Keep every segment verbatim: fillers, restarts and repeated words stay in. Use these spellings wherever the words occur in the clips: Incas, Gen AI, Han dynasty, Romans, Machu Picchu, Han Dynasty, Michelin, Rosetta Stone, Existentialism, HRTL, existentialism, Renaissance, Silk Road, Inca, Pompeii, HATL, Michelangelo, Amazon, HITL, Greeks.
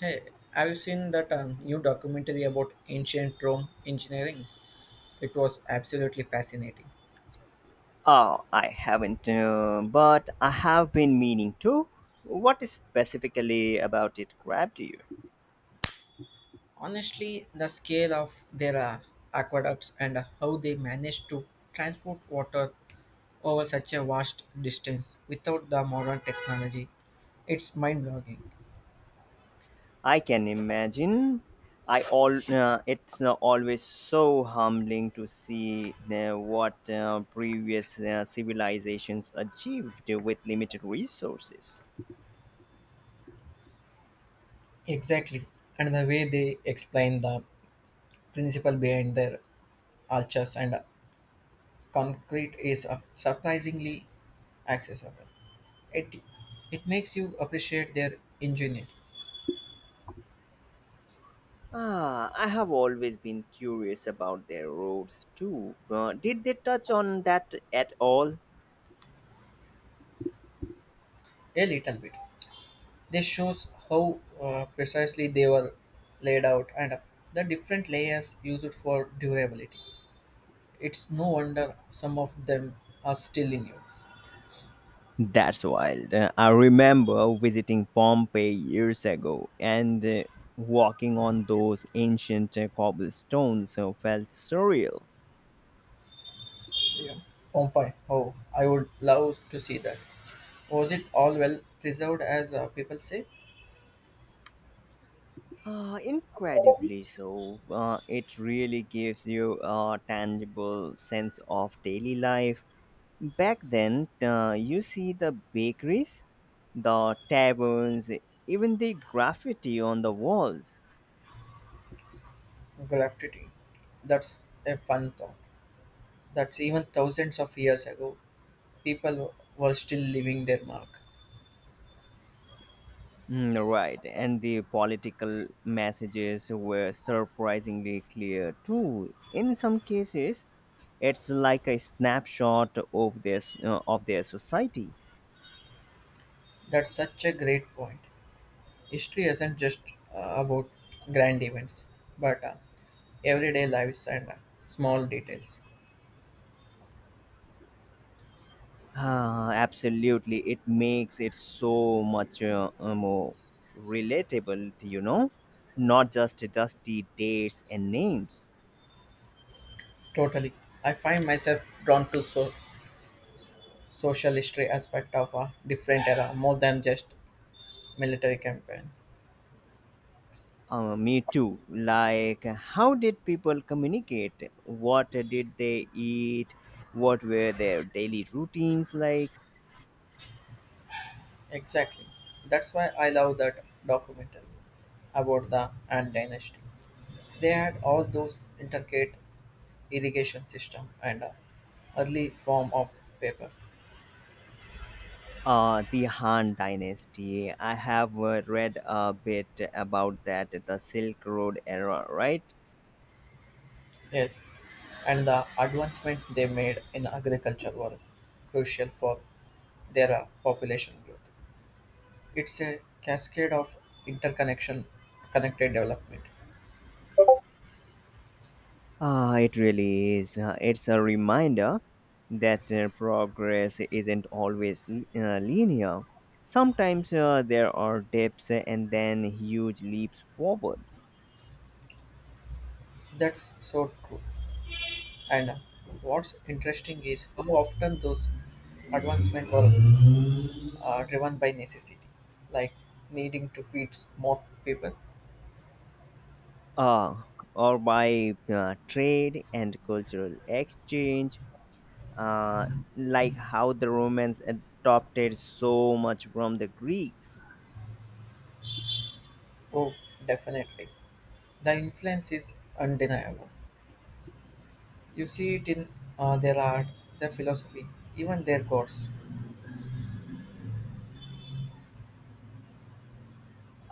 Hey, have you seen that um, new documentary about ancient Rome engineering? It was absolutely fascinating. Oh, I haven't, uh, but I have been meaning to. What specifically about it grabbed you? Honestly, the scale of their uh, aqueducts and uh, how they managed to transport water over such a vast distance without the modern technology, it's mind blowing. I can imagine. I all uh, it's uh, always so humbling to see uh, what uh, previous uh, civilizations achieved with limited resources. Exactly. And the way they explain the principle behind their arches and uh, concrete is uh, surprisingly accessible. it it makes you appreciate their ingenuity Ah, I have always been curious about their roads too. Uh, did they touch on that at all? a little bit. This shows how uh, precisely they were laid out and uh, the different layers used for durability. It's no wonder some of them are still in use. That's wild. Uh, I remember visiting Pompeii years ago and uh, walking on those ancient uh, cobblestones uh, felt surreal. Yeah. Pompeii, oh, I would love to see that. Was it all well preserved as uh, people say? Uh, incredibly so. Uh, it really gives you a tangible sense of daily life. Back then, uh, you see the bakeries, the taverns, even the graffiti on the walls. Graffiti. That's a fun thought. That's even thousands of years ago, people were still leaving their mark. Mm, right, and the political messages were surprisingly clear too. In some cases, it's like a snapshot of their s- uh, of their society. That's such a great point. History isn't just uh, about grand events, but uh, everyday lives and uh, small details. Ah, absolutely, it makes it so much uh, uh, more relatable. You know, not just dusty dates and names. Totally. I find myself drawn to so- social history aspect of a different era more than just military campaign. Uh, me too. Like, how did people communicate? What did they eat? What were their daily routines like? Exactly. That's why I love that documentary about the Han dynasty. They had all those intricate irrigation system and uh, early form of paper. Uh, the Han Dynasty. I have uh, read a bit about that, the Silk Road era, right? Yes, and the advancement they made in agriculture were crucial for their uh, population growth. It's a cascade of interconnection, connected development. Ah, it really is. Uh, it's a reminder that uh, progress isn't always li- uh, linear. Sometimes uh, there are dips and then huge leaps forward. That's so true. And uh, what's interesting is how often those advancements were uh, driven by necessity, like needing to feed more people. uh, or by uh, trade and cultural exchange, uh, like how the Romans adopted so much from the Greeks. Oh, definitely. The influence is undeniable. You see it in uh, their art, their philosophy, even their gods.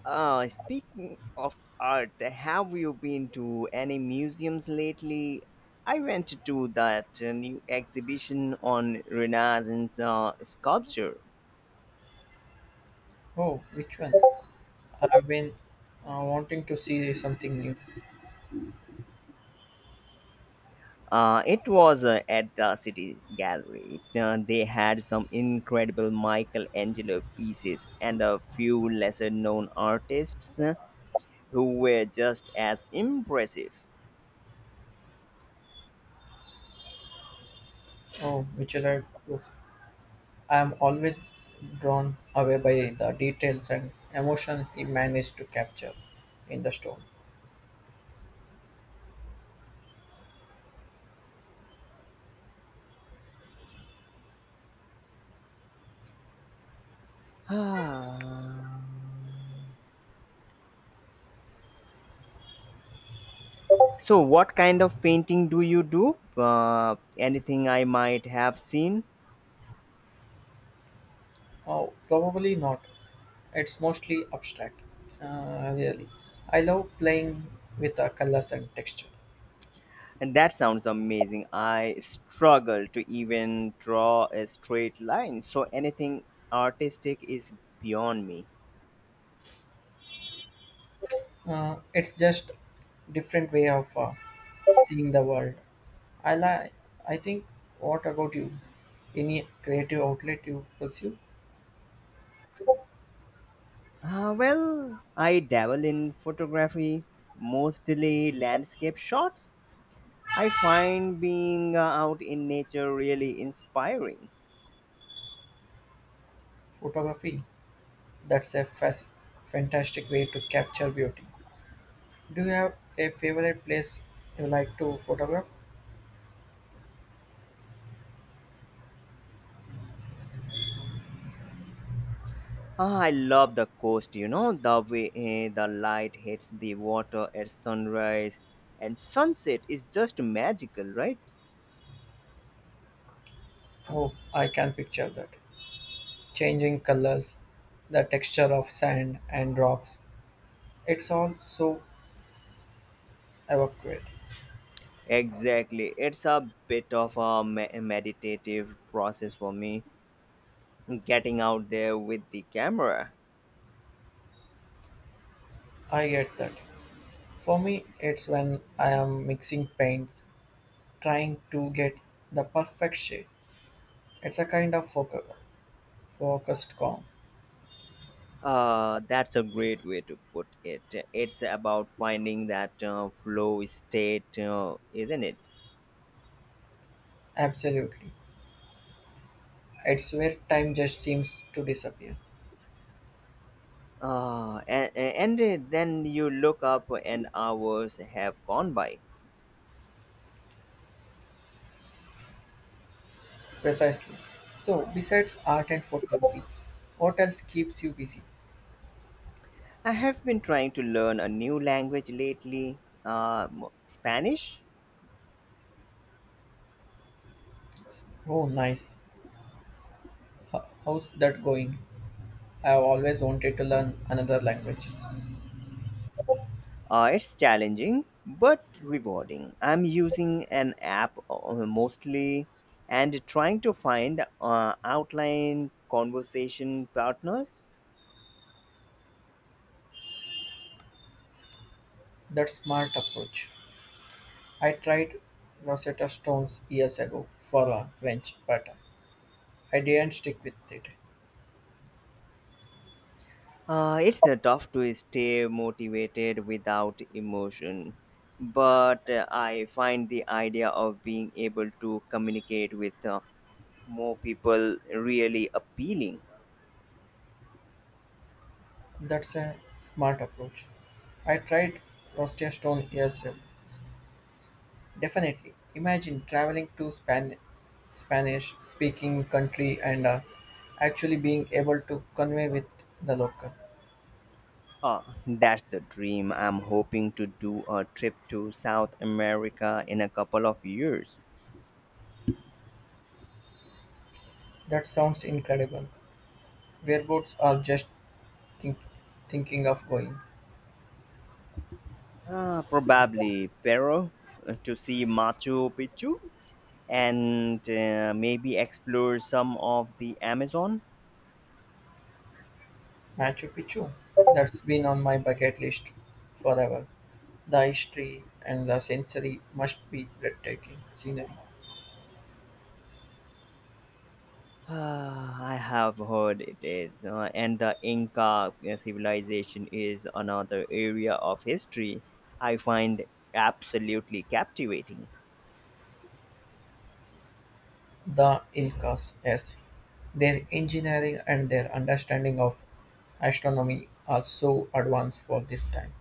Uh, speaking of art, have you been to any museums lately? I went to that uh, new exhibition on Renaissance uh, sculpture. Oh, which one? I've been uh, wanting to see something new. Uh, it was uh, at the city's gallery. Uh, they had some incredible Michelangelo pieces and a few lesser known artists uh, who were just as impressive. Oh, Michelin. I am always drawn away by the details and emotion he managed to capture in the stone. Ah. So, what kind of painting do you do? Uh, anything I might have seen? Oh, probably not. It's mostly abstract. Uh, really. I love playing with the colors and texture. And that sounds amazing. I struggle to even draw a straight line, so anything artistic is beyond me. Uh, it's just different way of uh, seeing the world. I like. I think. What about you? Any creative outlet you pursue? Uh, well, I dabble in photography, mostly landscape shots. I find being uh, out in nature really inspiring. Photography. That's a fas- fantastic way to capture beauty. Do you have a favorite place you like to photograph? Ah, I love the coast, you know, the way eh, the light hits the water at sunrise and sunset is just magical, right? Oh, I can picture that. Changing colors, the texture of sand and rocks. It's all so evocative. Exactly. It's a bit of a me- meditative process for me, getting out there with the camera. I get that. For me, it's when I am mixing paints, trying to get the perfect shape. It's a kind of focus, focused calm. Uh, that's a great way to put it. It's about finding that uh, flow state, uh, isn't it? Absolutely. It's where time just seems to disappear. Uh, and, and then you look up and hours have gone by. Precisely. So, besides art and photography, what else keeps you busy? I have been trying to learn a new language lately, uh, m- Spanish. Oh, nice. Ho- How's that going? I have always wanted to learn another language. Uh, it's challenging but rewarding. I'm using an app uh, mostly and trying to find uh, outline conversation partners. That's smart approach. I tried Rosetta Stones years ago for uh, French, but I didn't stick with it. Uh, it's uh, tough to stay motivated without emotion, but uh, I find the idea of being able to communicate with uh, more people really appealing. That's a smart approach. I tried Rosetta Stone years definitely. Imagine traveling to Span- Spanish speaking country and uh, actually being able to convey with the local. Uh, that's the dream. I'm hoping to do a trip to South America in a couple of years. That sounds incredible. Whereabouts are just think- thinking of going? Uh, probably Peru uh, to see Machu Picchu and uh, maybe explore some of the Amazon. Machu Picchu. That's been on my bucket list forever. The history and the sensory must be breathtaking scenery. Ah, I have heard it is, uh, and the Inca uh, civilization is another area of history I find absolutely captivating. The Incas, yes. Their engineering and their understanding of astronomy are so advanced for this time.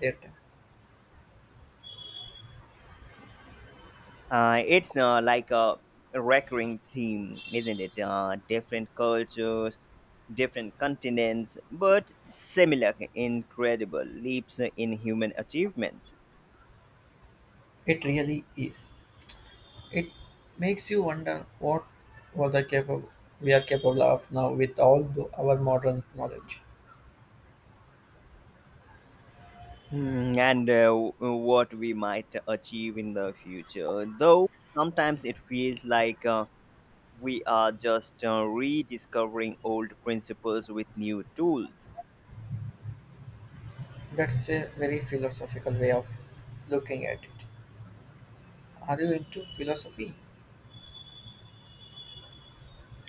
Depth. Uh, it's uh, like a recurring theme, isn't it? Uh, different cultures, different continents, but similar incredible leaps in human achievement. It really is. It makes you wonder what were the capable we are capable of now with all the, our modern knowledge. Hmm, and uh, w- what we might achieve in the future, though sometimes it feels like uh, we are just uh, rediscovering old principles with new tools. That's a very philosophical way of looking at it. Are you into philosophy?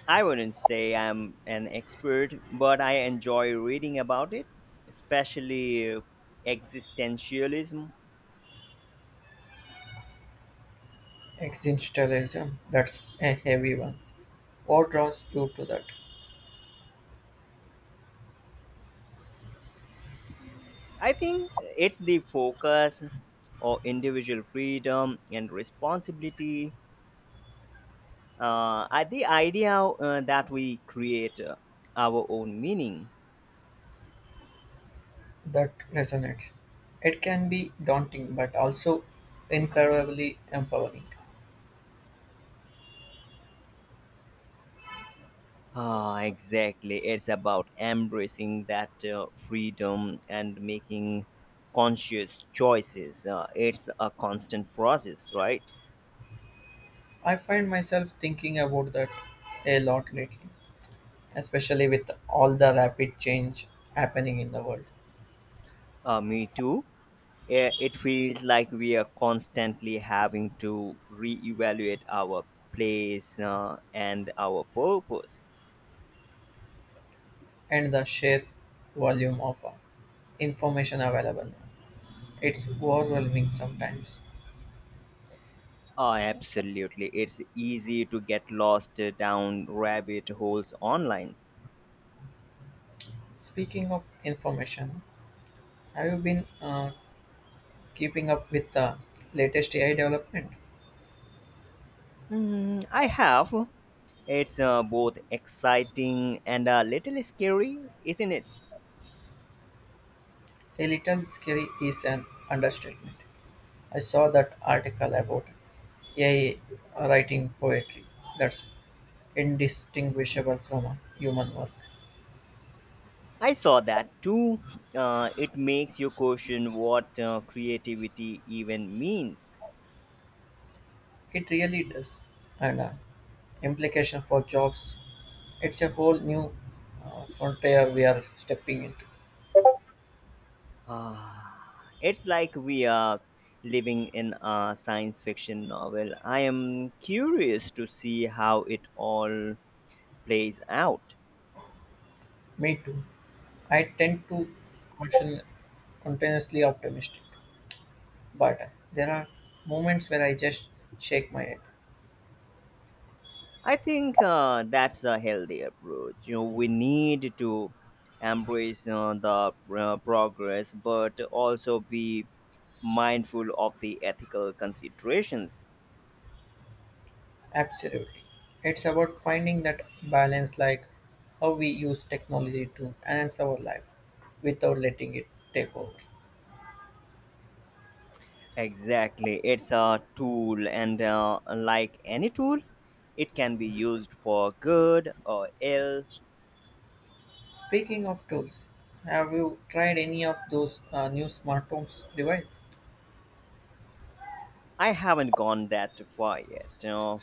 I wouldn't say I'm an expert, but I enjoy reading about it, especially uh, existentialism. Existentialism, that's a heavy one. What draws you to that? I think it's the focus or individual freedom and responsibility. Uh, I- the idea uh, that we create uh, our own meaning. That resonates. It can be daunting but also incredibly empowering. Ah, exactly. It's about embracing that uh, freedom and making conscious choices. Uh, it's a constant process, right? I find myself thinking about that a lot lately, especially with all the rapid change happening in the world Uh, me too. Yeah, it feels like we are constantly having to reevaluate our place uh, and our purpose. and the sheer volume of uh, information available now. It's overwhelming sometimes. Oh, absolutely. It's easy to get lost uh, down rabbit holes online. Speaking of information, have you been uh, keeping up with the latest A I development? Mm, I have. It's uh, both exciting and a little scary, isn't it? A little scary is an understatement. I saw that article about A I writing poetry that's indistinguishable from a human work. I saw that too. Uh, it makes you question what uh, creativity even means. It really does, and uh, implication for jobs. It's a whole new uh, frontier we are stepping into. Ah, it's like we are living in a science fiction novel. I am curious to see how it all plays out. Me too. I tend to caution continuously optimistic, but uh, there are moments where I just shake my head. I think uh, that's a healthy approach. You know, we need to embrace uh, the uh, progress, but also be mindful of the ethical considerations. Absolutely, it's about finding that balance, like how we use technology to enhance our life without letting it take over. Exactly. It's a tool, and uh, like any tool, it can be used for good or ill. Speaking of tools, have you tried any of those uh, new smart homes device? I haven't gone that far yet. You know.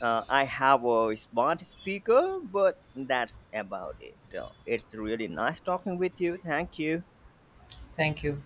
Uh, I have a smart speaker, but that's about it. Uh, it's really nice talking with you. Thank you. Thank you.